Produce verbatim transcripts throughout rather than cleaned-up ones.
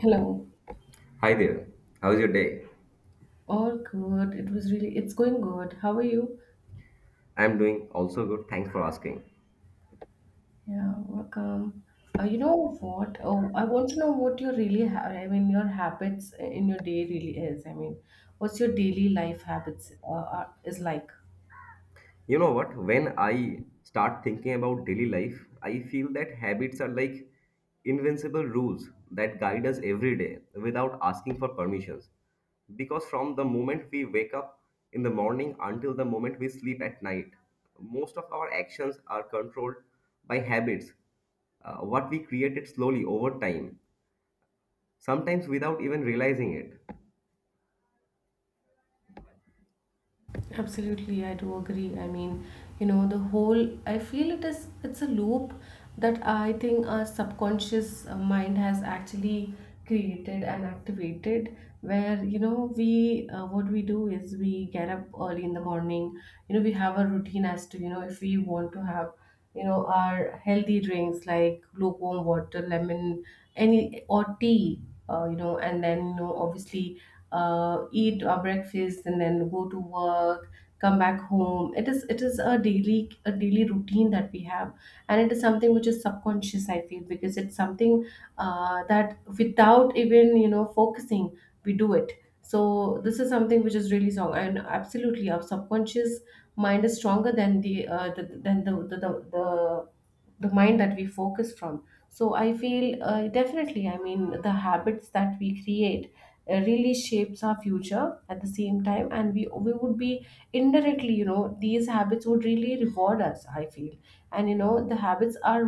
Hello. Hi there. How's your day? All good. It was really, it's going good. How are you? I'm doing also good. Thanks for asking. Yeah, welcome. Uh, you know what? Oh, I want to know what your really, ha- I mean, your habits in your day really is. I mean, what's your daily life habits uh, are, is like? You know what? When I start thinking about daily life, I feel that habits are like invincible rules that guide us every day without asking for permissions. Because from the moment we wake up in the morning until the moment we sleep at night, most of our actions are controlled by habits, uh, what we created slowly over time, sometimes without even realizing it. Absolutely, I do agree. I mean, you know, the whole, I feel it is, it's a loop that I think our subconscious uh, mind has actually created and activated where, you know, we, uh, what we do is we get up early in the morning, you know, we have a routine as to, you know, if we want to have you know our healthy drinks like lukewarm water lemon any or tea, uh, you know, and then you know obviously uh, eat our breakfast and then go to work, come back home. It is it is a daily, a daily routine that we have, and it is something which is subconscious, I feel, because it's something uh, that without even you know focusing, we do it. So this is something which is really strong, and absolutely our subconscious mind is stronger than the uh, the, than the, the the the the mind that we focus from. So I feel, uh, definitely, I mean, the habits that we create uh, really shapes our future at the same time, and we we would be indirectly, you know, these habits would really reward us, I feel. And you know the habits are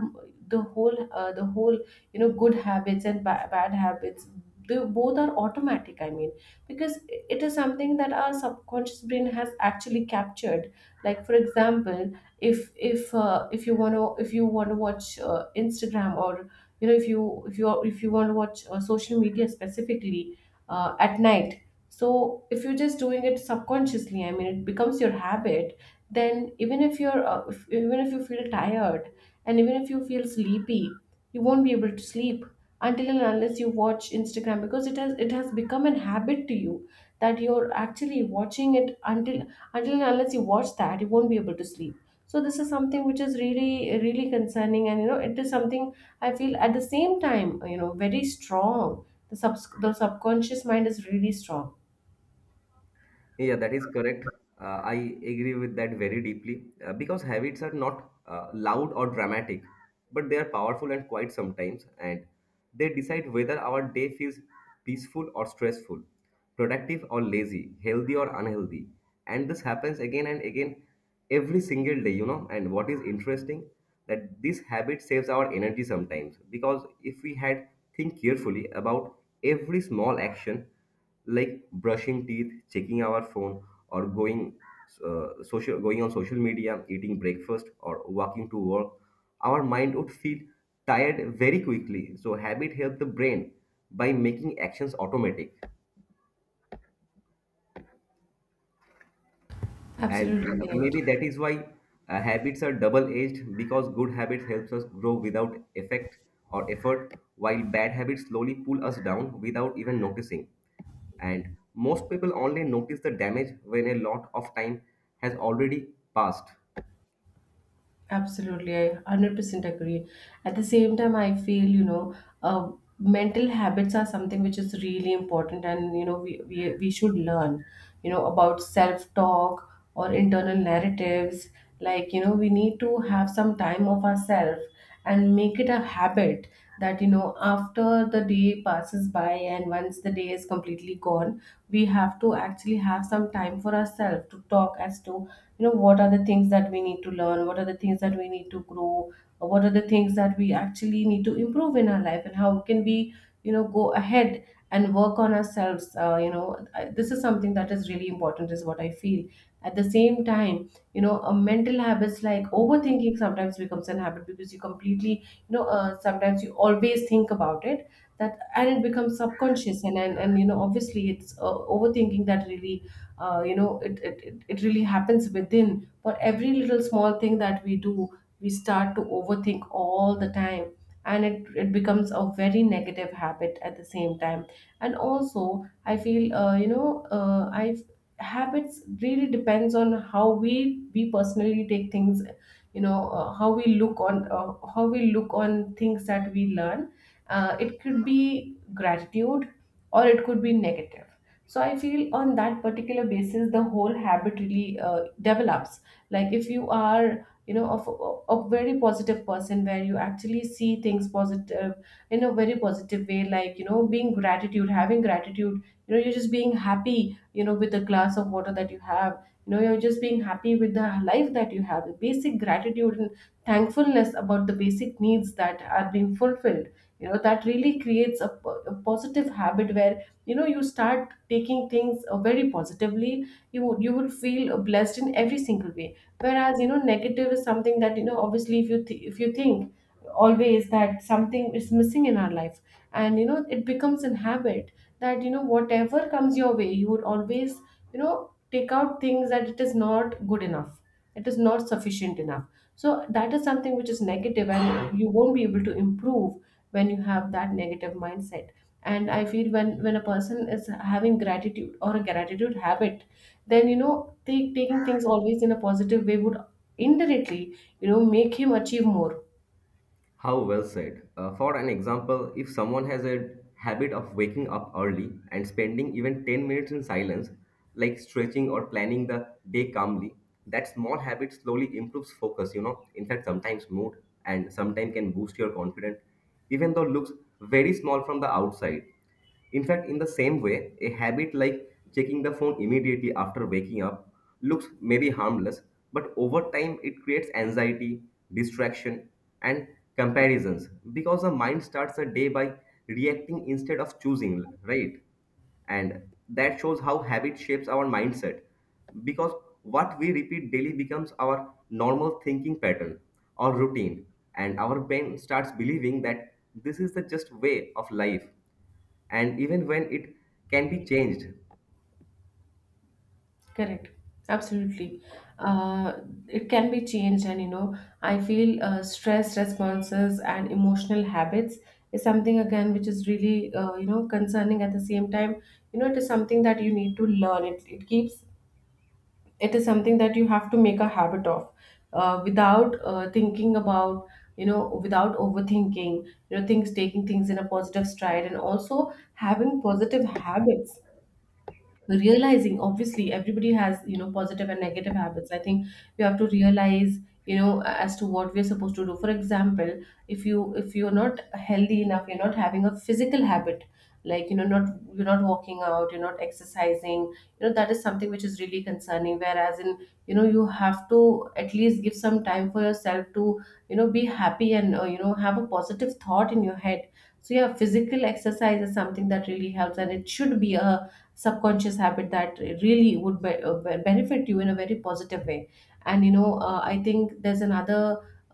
the whole uh, the whole, you know, good habits and ba- bad habits, they both are automatic, I mean, because it is something that our subconscious brain has actually captured. Like for example, if if uh, if you want to if you want to watch uh, Instagram, or you know, if you if you if you want to watch uh, social media specifically uh, at night. So if you're just doing it subconsciously, I mean, it becomes your habit. Then even if you're uh, if, even if you feel tired, and even if you feel sleepy, you won't be able to sleep until and unless you watch Instagram, because it has it has become an habit to you, that you're actually watching it until until and unless you watch that, you won't be able to sleep. So this is something which is really, really concerning, and you know it is something I feel at the same time, you know, very strong. The, sub the subconscious mind is really strong, Yeah, that is correct. Uh, I agree with that very deeply uh, because habits are not uh, loud or dramatic, but they are powerful and quiet sometimes, and they decide whether our day feels peaceful or stressful, productive or lazy, healthy or unhealthy. And this happens again and again every single day, you know. And what is interesting that this habit saves our energy sometimes because if we had think carefully about every small action like brushing teeth, checking our phone, or going uh, social going on social media, eating breakfast, or walking to work, our mind would feel tired very quickly. So habit helps the brain by making actions automatic, and absolutely uh, correct. maybe that is why uh, habits are double-edged because good habits helps us grow without effect or effort, while bad habits slowly pull us down without even noticing. And most people only notice the damage when a lot of time has already passed. Absolutely, I one hundred percent agree. At the same time, I feel, you know, uh, mental habits are something which is really important, and, you know, we, we, we should learn, you know, about self-talk or internal narratives. Like, you know, we need to have some time of ourselves and make it a habit that, you know, after the day passes by and once the day is completely gone, we have to actually have some time for ourselves to talk as to, you know, what are the things that we need to learn, what are the things that we need to grow, or what are the things that we actually need to improve in our life, and how can we, you know, go ahead and work on ourselves. Uh, you know I- this is something that is really important is what I feel. At the same time, you know, a mental habits like overthinking sometimes becomes an habit, because you completely, you know, uh, sometimes you always think about it, that, and it becomes subconscious. And and, and you know obviously it's uh, overthinking that really uh, you know it, it it it really happens within for every little small thing that we do. We start to overthink all the time, and it, it becomes a very negative habit at the same time. And also I feel uh, you know uh, I habits really depends on how we we personally take things, you know, uh, how we look on uh, how we look on things that we learn. Uh, it could be gratitude, or it could be negative. So I feel on that particular basis, the whole habit really uh, develops. Like if you are, you know, of a, a very positive person where you actually see things positive in a very positive way, like, you know, being gratitude, having gratitude, you know, you're just being happy, you know, with the glass of water that you have, you know, you're just being happy with the life that you have, the basic gratitude and thankfulness about the basic needs that are being fulfilled. You know, that really creates a, po- a positive habit where you know you start taking things uh, very positively. You would you would feel uh, blessed in every single way, whereas, you know, negative is something that, you know, obviously, if you th- if you think always that something is missing in our life, and you know it becomes an habit that, you know, whatever comes your way, you would always, you know, take out things that it is not good enough, it is not sufficient enough. So that is something which is negative, and you won't be able to improve when you have that negative mindset. And I feel when when a person is having gratitude or a gratitude habit, then you know take, taking things always in a positive way would indirectly, you know, make him achieve more. How well said. Uh, for an example, if someone has a habit of waking up early and spending even ten minutes in silence, like stretching or planning the day calmly, that small habit slowly improves focus, you know, in fact, sometimes mood and sometimes can boost your confidence, even though looks very small from the outside. In fact, in the same way, a habit like checking the phone immediately after waking up looks maybe harmless, but over time it creates anxiety, distraction, and comparisons because the mind starts the day by reacting instead of choosing, right? And that shows how habit shapes our mindset because what we repeat daily becomes our normal thinking pattern or routine, and our brain starts believing that this is the just way of life and even when it can be changed. Correct, absolutely. uh, it can be changed, and you know, I feel uh, stress responses and emotional habits is something again which is really uh, you know concerning. At the same time, you know, it is something that you need to learn. It, it keeps, it is something that you have to make a habit of, uh, without uh, thinking about, you know, without overthinking, you know, things, taking things in a positive stride, and also having positive habits, realizing obviously everybody has, you know, positive and negative habits. I think we have to realize, you know, as to what we're supposed to do. For example, if you if you're not healthy enough, you're not having a physical habit, like, you know, not, you're not walking out, you're not exercising, you know, that is something which is really concerning. Whereas in, you know, you have to at least give some time for yourself to, you know, be happy and, uh, you know, have a positive thought in your head. So yeah, physical exercise is something that really helps, and it should be a subconscious habit that really would be- uh, be- benefit you in a very positive way. And you know, uh, I think there's another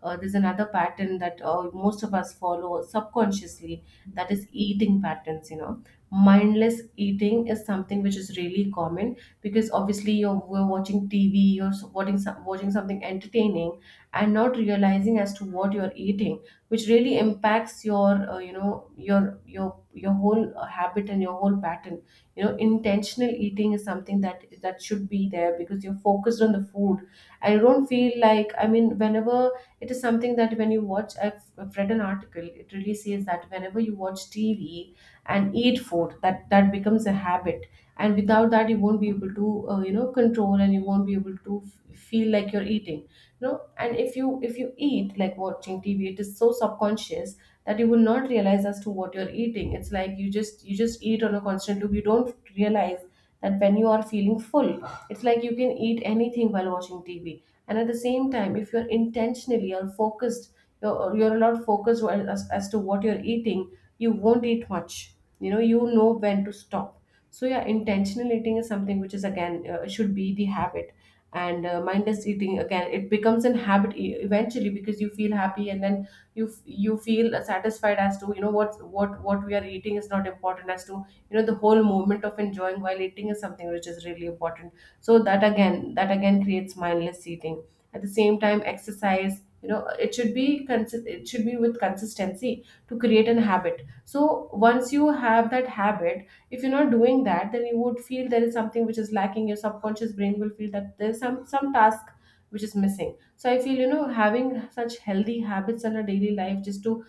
uh, there's another pattern that uh, most of us follow subconsciously, that is eating patterns. You know, mindless eating is something which is really common, because obviously you're we're watching TV, you're so- watching some- watching something entertaining, and not realizing as to what you're eating, which really impacts your uh, you know your your your whole uh, habit and your whole pattern. You know, intentional eating is something that that should be there, because you're focused on the food. I don't feel like, I mean, whenever, it is something that when you watch, i've, I've read an article, it really says that whenever you watch TV and eat food, that that becomes a habit, and without that you won't be able to, uh, you know, control, and you won't be able to f- feel like you're eating, you know. And if you if you eat like watching TV, it is so subconscious that you will not realize as to what you're eating. It's like you just you just eat on a constant loop. You don't realize that when you are feeling full, it's like you can eat anything while watching TV. And at the same time, if you're intentionally or focused, you're, you're a lot focused while- as, as to what you're eating, you won't eat much. You know, you know when to stop. So yeah, intentional eating is something which is again, uh, should be the habit. And uh, mindless eating again, it becomes an habit e- eventually, because you feel happy, and then you f- you feel satisfied as to, you know, what what what we are eating is not important, as to, you know, the whole moment of enjoying while eating is something which is really important. So that again that again creates mindless eating. At the same time, exercise, you know, it should be consi- it should be with consistency to create an habit. So once you have that habit, if you're not doing that, then you would feel there is something which is lacking. Your subconscious brain will feel that there's some some task which is missing. So I feel, you know, having such healthy habits in our daily life just to,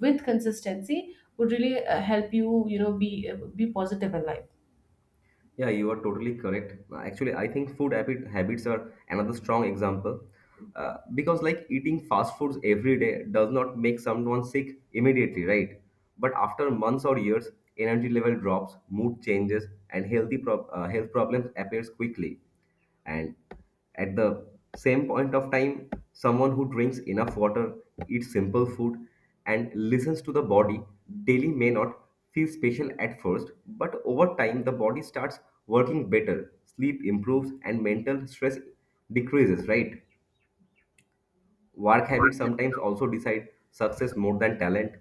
with consistency, would really uh, help you, you know, be uh, be positive in life. Yeah, you are totally correct. Actually, I think food habit habits are another strong example, uh, because like eating fast foods every day does not make someone sick immediately, right? But after months or years, energy level drops, mood changes, and healthy prob- uh, health problems appears quickly. And at the same point of time, someone who drinks enough water, eats simple food, and listens to the body daily may not feel special at first, but over time the body starts working better, sleep improves, and mental stress decreases, right? Work habits sometimes also decide success more than talent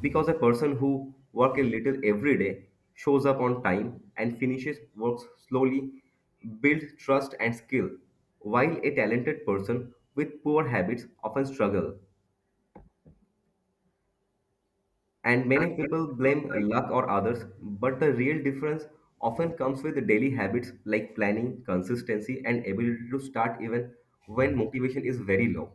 because a person who works a little every day, shows up on time, and finishes work slowly builds trust and skill, while a talented person with poor habits often struggle. And many people blame luck or others, but the real difference often comes with daily habits like planning, consistency, and ability to start even when motivation is very low.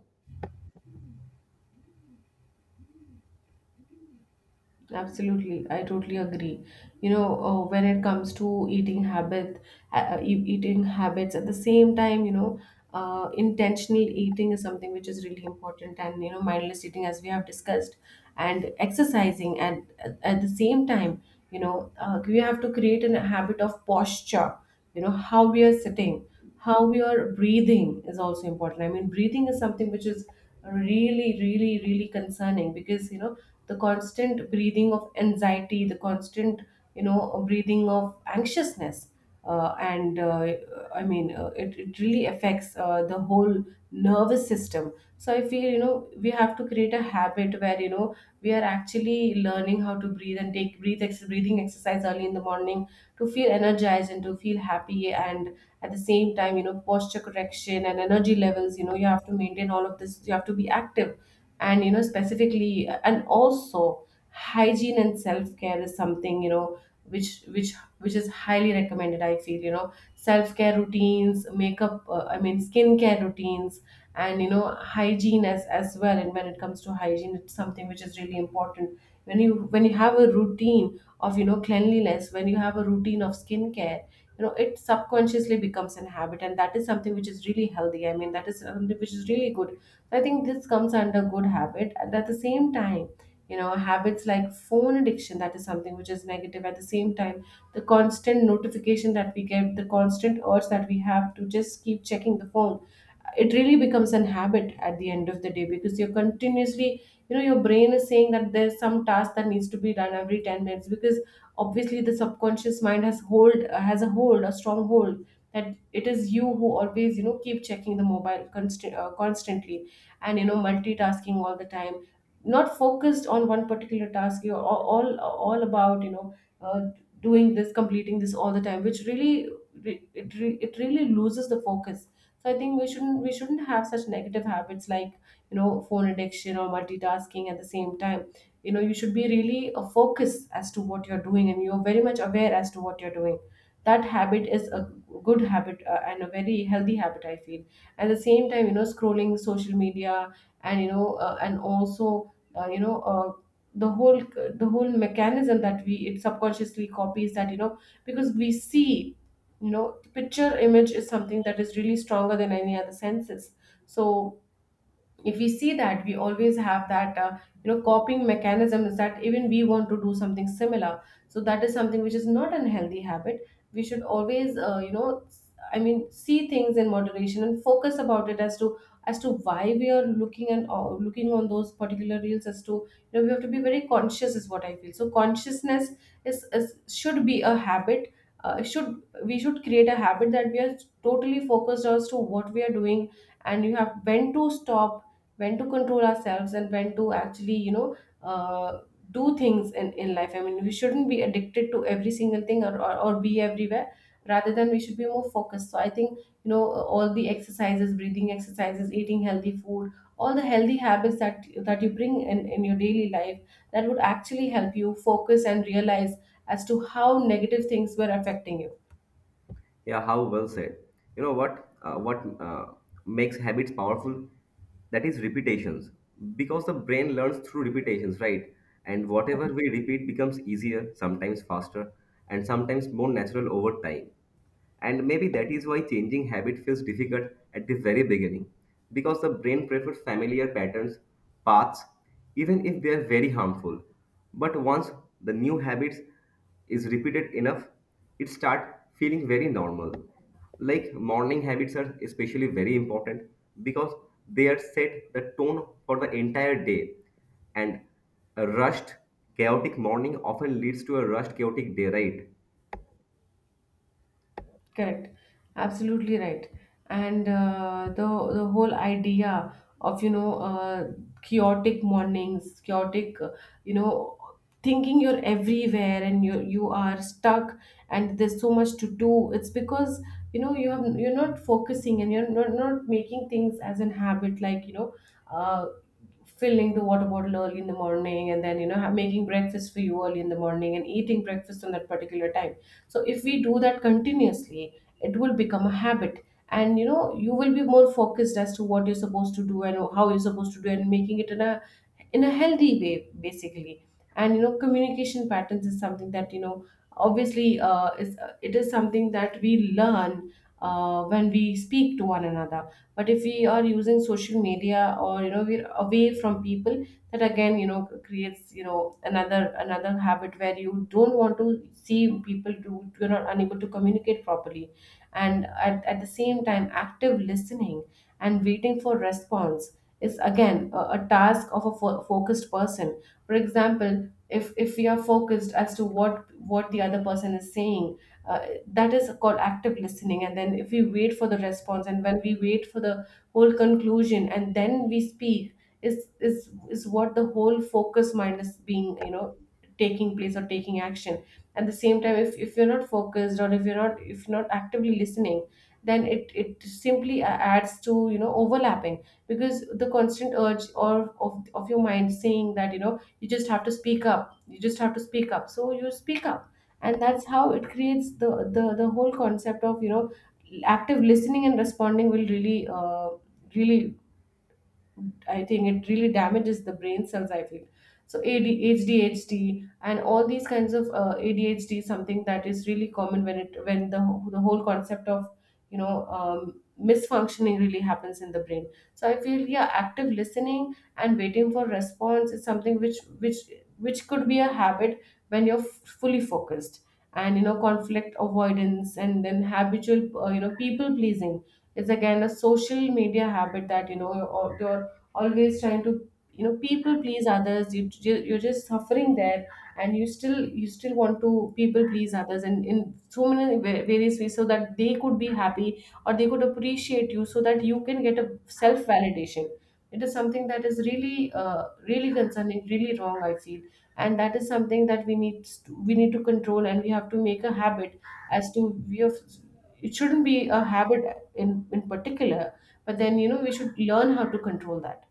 Absolutely, I totally agree. You know, uh, when it comes to eating habit, uh, uh, e- eating habits at the same time, you know, uh, intentional eating is something which is really important, and you know, mindless eating, as we have discussed, and exercising, and at, at the same time, you know, uh, we have to create an habit of posture. You know, how we are sitting, how we are breathing is also important. I mean, breathing is something which is really, really, really concerning because you know the constant breathing of anxiety, the constant you know breathing of anxiousness, uh, and uh, I mean uh, it, it really affects uh, the whole nervous system. So I feel you know we have to create a habit where you know we are actually learning how to breathe and take breathe ex- breathing exercise early in the morning to feel energized and to feel happy, and at the same time you know posture correction and energy levels, you know you have to maintain all of this. You have to be active, and you know specifically, and also hygiene and self care is something you know which which which is highly recommended. I feel you know self care routines makeup, uh, I mean skincare routines and you know hygiene as as well. And when it comes to hygiene, it's something which is really important. When you when you have a routine of you know cleanliness, when you have a routine of skincare, you know it subconsciously becomes an habit, and that is something which is really healthy. I mean, that is something which is really good. So I think this comes under good habit, and at the same time you know habits like phone addiction, that is something which is negative. At the same time, the constant notification that we get, the constant urge that we have to just keep checking the phone, it really becomes an habit at the end of the day, because you're continuously, you know, your brain is saying that there's some task that needs to be done every ten minutes. Because obviously the subconscious mind has hold has a hold a strong hold that it is you who always you know keep checking the mobile const- uh, constantly, and you know multitasking all the time, not focused on one particular task. You're all all, all about you know uh, doing this, completing this all the time, which really re- it, re- it really loses the focus. So I think we shouldn't we shouldn't have such negative habits like you know phone addiction or multitasking. At the same time, you know, you should be really a focus as to what you're doing, and you're very much aware as to what you're doing. That habit is a good habit, uh, and a very healthy habit I feel. At the same time, you know, scrolling social media, and you know uh, and also uh, you know uh, the whole the whole mechanism that we, it subconsciously copies that, you know, because we see, you know, the picture image is something that is really stronger than any other senses. So if we see that, we always have that, uh, you know, copying mechanism, is that even we want to do something similar. So that is something which is not an healthy habit. We should always, uh, you know s- I mean, see things in moderation and focus about it as to as to why we are looking and uh, looking on those particular reels, as to you know we have to be very conscious is what I feel. So consciousness is, is should be a habit. Uh, should We should create a habit that we are totally focused as to what we are doing, and you have when to stop, when to control ourselves, and when to actually you know uh, do things in, in life. I mean, we shouldn't be addicted to every single thing, or, or, or be everywhere, rather than we should be more focused. So I think you know all the exercises, breathing exercises, eating healthy food, all the healthy habits that that you bring in, in your daily life, that would actually help you focus and realize as to how negative things were affecting you. Yeah, how well said. You know what? Uh, what uh, makes habits powerful? That is repetitions, because the brain learns through repetitions, right? And whatever we repeat becomes easier, sometimes faster, and sometimes more natural over time. And maybe that is why changing habit feels difficult at the very beginning, because the brain prefers familiar patterns, paths, even if they are very harmful. But once the new habits is repeated enough, it start feeling very normal. Like morning habits are especially very important because they are set the tone for the entire day, and a rushed chaotic morning often leads to a rushed chaotic day, right? Correct. Absolutely right. And uh, the the whole idea of you know uh, chaotic mornings, chaotic, uh, you know, thinking you're everywhere, and you you are stuck, and there's so much to do. It's because you know you have you're not focusing, and you're not, not making things as an habit, like you know uh, filling the water bottle early in the morning, and then you know ha- making breakfast for you early in the morning and eating breakfast on that particular time. So if we do that continuously, it will become a habit, and you know you will be more focused as to what you're supposed to do and how you're supposed to do, and making it an in a healthy way, basically. And you know communication patterns is something that you know obviously uh, is uh, it is something that we learn uh, when we speak to one another. But if we are using social media, or you know we're away from people, that again you know creates you know another another habit where you don't want to see people do, you're not unable to communicate properly. And at, at the same time, active listening and waiting for response is again a, a task of a fo- focused person. For example, if if we are focused as to what what the other person is saying, uh, that is called active listening. And then if we wait for the response, and when we wait for the whole conclusion and then we speak, is is is what the whole focus mind is being you know taking place or taking action. At the same time, if, if you're not focused, or if you're not, if you're not actively listening, then it it simply a- adds to you know overlapping. Because the constant urge or of, of your mind saying that you know you just have to speak up you just have to speak up, so you speak up. And that's how it creates the the, the whole concept of you know active listening and responding will really uh, really I think it really damages the brain cells, I feel. So AD, A D H D and all these kinds of, uh, A D H D is something that is really common when it, when the wh- the whole concept of you know um, misfunctioning really happens in the brain. So I feel, yeah, active listening and waiting for response is something which which which could be a habit when you're f- fully focused. And you know conflict avoidance, and then habitual, uh, you know, people pleasing is again a social media habit, that you know, or your always trying to you know people please others. You, you you're just suffering there, and you still you still want to people please others, and in so many va- various ways, so that they could be happy or they could appreciate you, so that you can get a self validation. It is something that is really, uh, really concerning, really wrong I feel. And that is something that we need to, we need to control, and we have to make a habit as to we have, it shouldn't be a habit in in particular. But then you know we should learn how to control that.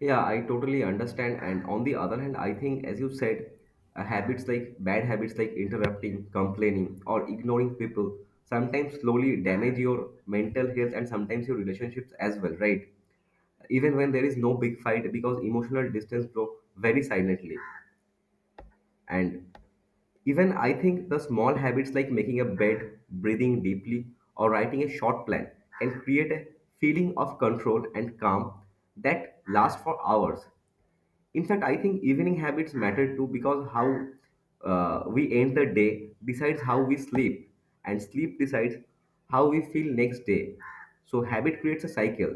Yeah, I totally understand. And on the other hand, I think, as you said, uh, habits like bad habits like interrupting, complaining, or ignoring people sometimes slowly damage your mental health and sometimes your relationships as well, right? Even when there is no big fight, because emotional distance grow very silently. And even I think the small habits like making a bed, breathing deeply, or writing a short plan can create a feeling of control and calm that lasts for hours. In fact, I think evening habits matter too because how uh, we end the day decides how we sleep, and sleep decides how we feel next day. So, habit creates a cycle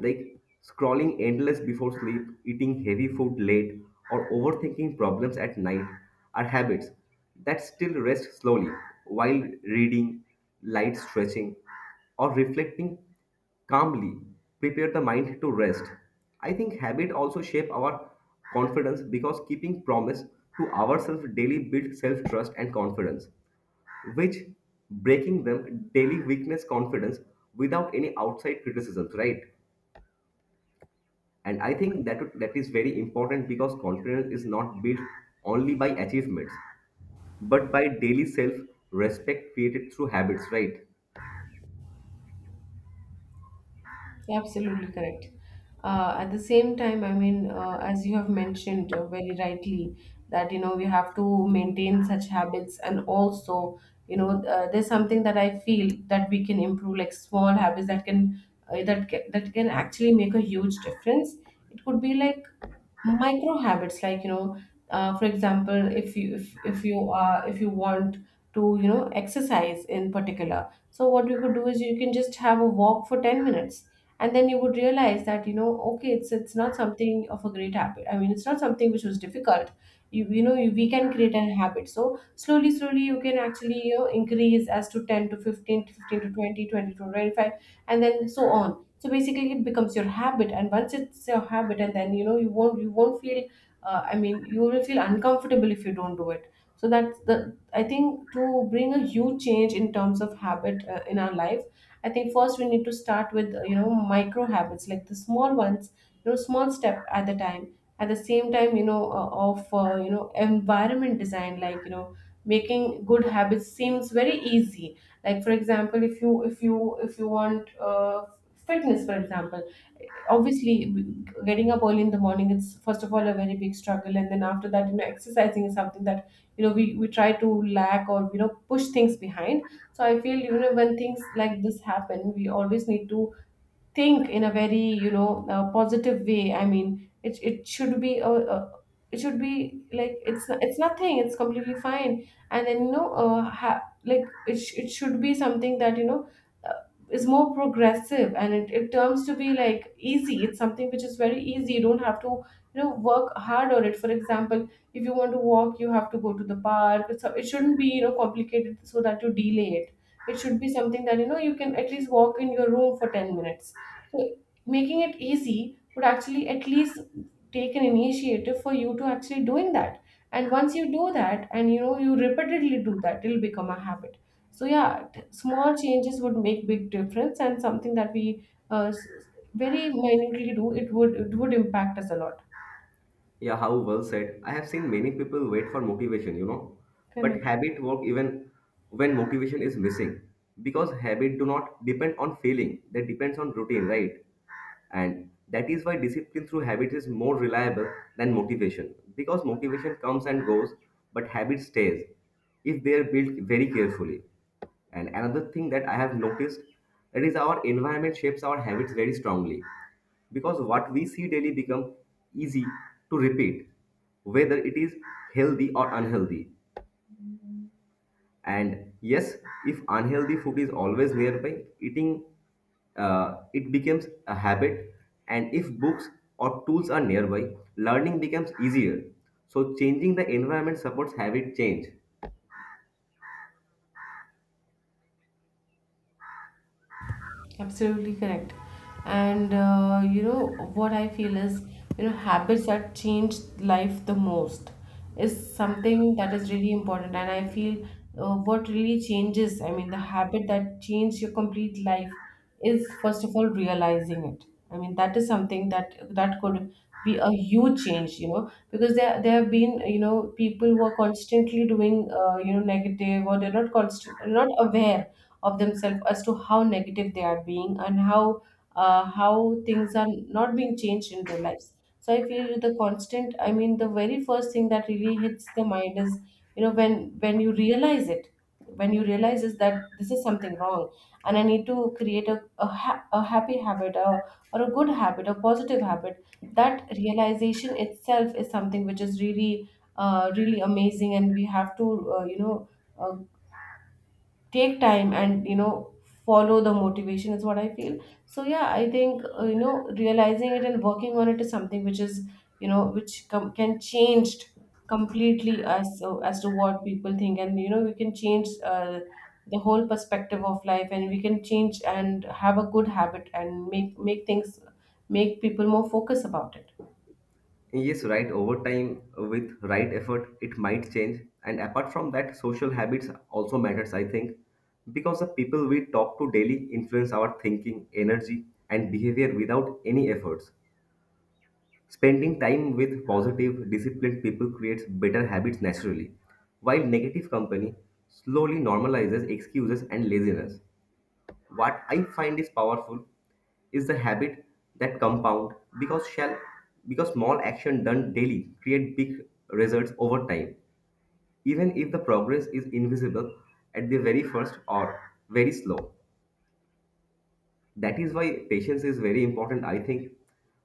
like scrolling endless before sleep, eating heavy food late, or overthinking problems at night are habits that still rest slowly, while reading, light stretching, or reflecting calmly, prepare the mind to rest. I think habit also shape our confidence because keeping promise to ourselves daily build self-trust and confidence, which breaking them daily weakness confidence without any outside criticisms, right? And I think that that is very important because confidence is not built only by achievements, but by daily self-respect created through habits, right? Absolutely correct. Uh, at the same time, I mean, uh, as you have mentioned, uh, very rightly, that you know we have to maintain such habits, and also you know, uh, there's something that I feel that we can improve, like small habits that can, uh, that ca- that can actually make a huge difference. It could be like micro habits, like you know uh, for example, if you if, if you are if you want to you know exercise in particular. So what you could do is you can just have a walk for ten minutes, and then you would realize that, you know okay, it's it's not something of a great habit. I mean, it's not something which was difficult. You you know you, we can create a habit, so slowly slowly you can actually, you know increase as to ten to fifteen to fifteen to 20 twenty to twenty-five, and then so on. So basically it becomes your habit, and once it's your habit, and then you know you won't you won't feel, uh, I mean, you will feel uncomfortable if you don't do it. So that's the, I think, to bring a huge change in terms of habit, uh, in our life. I think first we need to start with, uh, you know, micro habits, like the small ones, you know, small step at the time. At the same time, you know, uh, of uh, you know, environment design, like, you know, making good habits seems very easy. Like, for example, if you if you if you want, uh, fitness for example. Obviously, getting up early in the morning, it's first of all a very big struggle, and then after that, you know, exercising is something that, you know, we, we try to lack, or you know, push things behind. So I feel, you know, when things like this happen, we always need to think in a very, you know, uh, positive way. I mean, it, it should be a, a it should be, like, it's it's nothing, it's completely fine. And then, you know, uh, ha- like it, sh- it should be something that, you know, uh, is more progressive, and it, it turns to be, like, easy. It's something which is very easy, you don't have to, you know, work hard on it. For example, if you want to walk, you have to go to the park, it's, it shouldn't be, you know, complicated, so that you delay it. It should be something that, you know, you can at least walk in your room for ten minutes. So making it easy would actually at least take an initiative for you to actually doing that. And once you do that, and, you know, you repeatedly do that, it'll become a habit. So yeah, t- small changes would make big difference, and something that we uh, s- very minutely do, it would it would impact us a lot. Yeah, how well said. I have seen many people wait for motivation, you know, but Correct. habit work even when motivation is missing because habit do not depend on feeling. They depends on routine, right? And that is why discipline through habit is more reliable than motivation because motivation comes and goes, but habit stays if they are built very carefully. And another thing that I have noticed, it is our environment shapes our habits very strongly because what we see daily become easy to repeat, whether it is healthy or unhealthy. And yes, if unhealthy food is always nearby, eating uh, it becomes a habit. And if books or tools are nearby, learning becomes easier. So changing the environment supports habit change. Absolutely correct. And, uh, you know, what I feel is, you know, habits that change life the most is something that is really important. And I feel, uh, what really changes, I mean, the habit that changed your complete life is first of all realizing it. I mean, that is something that that could be a huge change, you know, because there there have been, you know, people who are constantly doing, uh, you know, negative, or they're not constant not aware of themselves as to how negative they are being, and how, uh, how things are not being changed in their lives. So I feel the constant I mean, the very first thing that really hits the mind is, you know, when when you realize it, when you realize is that this is something wrong, and I need to create a, a, ha- a happy habit, a, or a good habit, a positive habit. That realization itself is something which is really, uh, really amazing, and we have to, uh, you know, uh, take time, and, you know, follow the motivation, is what I feel. So yeah, I think, uh, you know, realizing it and working on it is something which is, you know, which com- can changed completely, as, uh, as to what people think. And, you know, we can change, uh, the whole perspective of life, and we can change and have a good habit, and make make things make people more focus about it. Yes, right. Over time, with right effort, it might change. And apart from that, social habits also matters, I think, because the people we talk to daily influence our thinking, energy, and behavior without any efforts. Spending time with positive, disciplined people creates better habits naturally, while negative company slowly normalizes excuses and laziness. What I find is powerful is the habit that compound because shall because small action done daily create big results over time, even if the progress is invisible at the very first or very slow. That is why patience is very important, I think,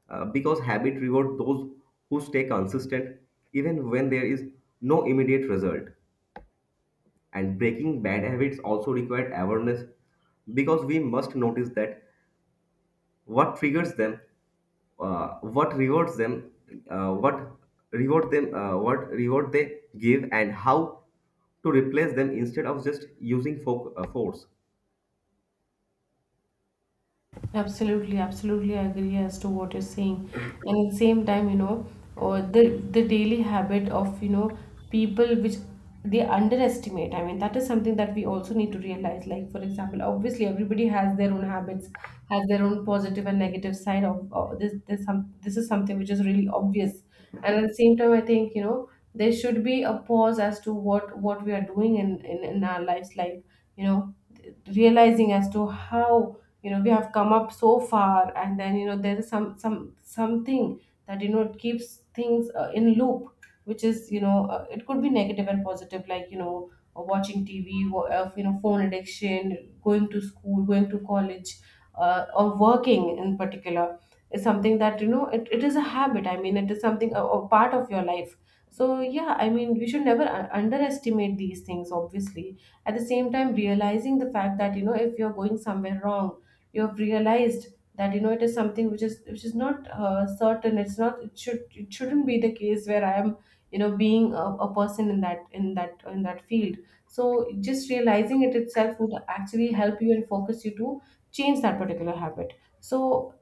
uh, because habit reward those who stay consistent even when there is no immediate result. And breaking bad habits also require awareness because we must notice that what triggers them, uh, what rewards them uh, what reward them uh, what reward they give and how to replace them instead of just using fo- uh, force. Absolutely, absolutely agree as to what you're saying. And at the same time, you know, or the the daily habit of, you know, people which they underestimate. I mean, that is something that we also need to realize. Like, for example, obviously everybody has their own habits, has their own positive and negative side of, of this this some this. Is something which is really obvious. And at the same time, I think, you know, there should be a pause as to what what we are doing in in, in our lives, like, you know, realizing as to how, you know, we have come up so far. And then, you know, there is some some something that, you know, it keeps things, uh, in loop, which is, you know, uh, it could be negative and positive, like, you know, uh, watching TV, wa- uh, you know, phone addiction, going to school, going to college, uh, or working in particular, is something that, you know, it, it is a habit. I mean, it is something, a, a part of your life. So yeah, I mean, we should never, uh, underestimate these things, obviously. At the same time, realizing the fact that, you know, if you're going somewhere wrong, you have realized that, you know, it is something which is, which is not uh, certain. It's not, it should it shouldn't be the case where I am, you know, being a, a person in that, in that in that field. So just realizing it itself would actually help you and focus you to change that particular habit. So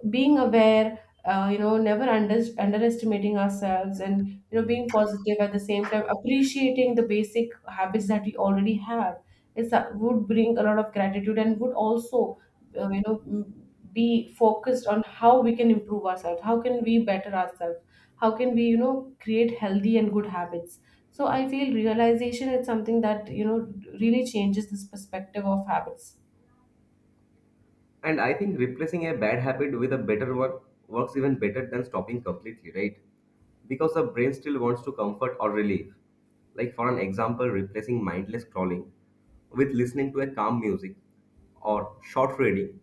being aware, uh, you know, never under, underestimating ourselves, and, you know, being positive, at the same time appreciating the basic habits that we already have, is, that would bring a lot of gratitude, and would also, uh, you know, m- be focused on how we can improve ourselves, how can we better ourselves, how can we, you know, create healthy and good habits. So I feel realization is something that, you know, really changes this perspective of habits. And I think replacing a bad habit with a better one works even better than stopping completely, right? Because the brain still wants to comfort or relief, like for an example replacing mindless scrolling with listening to a calm music or short reading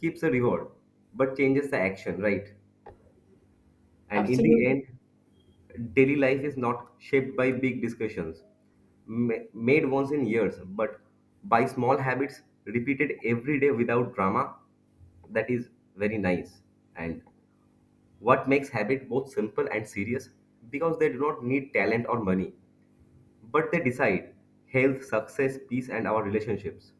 keeps the reward but changes the action, right? And in the Absolutely. end, daily life is not shaped by big discussions ma- made once in years, but by small habits repeated every day without drama. That is very nice. And what makes habit both simple and serious? Because they do not need talent or money, but they decide health, success, peace, and our relationships.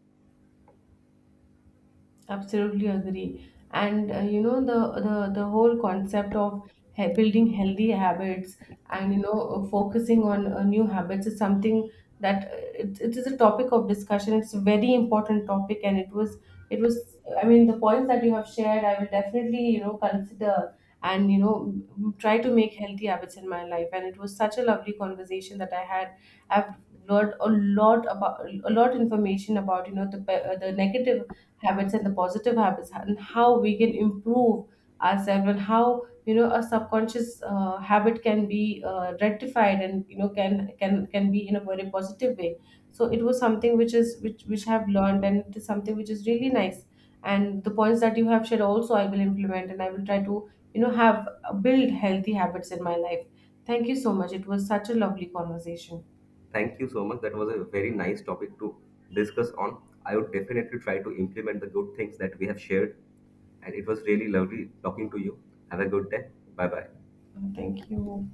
Absolutely agree. And, uh, you know, the, the the whole concept of he- building healthy habits, and, you know, uh, focusing on, uh, new habits, is something that, uh, it, it is a topic of discussion. It's a very important topic, and it was it was, I mean, the points that you have shared, I will definitely, you know, consider, and, you know, m- m- try to make healthy habits in my life. And it was such a lovely conversation that I had. I've learned a lot, about a lot information about, you know, the pe- uh, the negative habits, and the positive habits, and how we can improve ourselves, and how, you know, a subconscious, uh, habit can be, uh, rectified, and, you know, can can can be in a very positive way. So it was something which is, which which I have learned, and it is something which is really nice. And the points that you have shared also, I will implement, and I will try to, you know, have uh, build healthy habits in my life. Thank you so much, it was such a lovely conversation. Thank you so much. That was a very nice topic to discuss on. I would definitely try to implement the good things that we have shared. And it was really lovely talking to you. Have a good day. Bye bye. Thank you.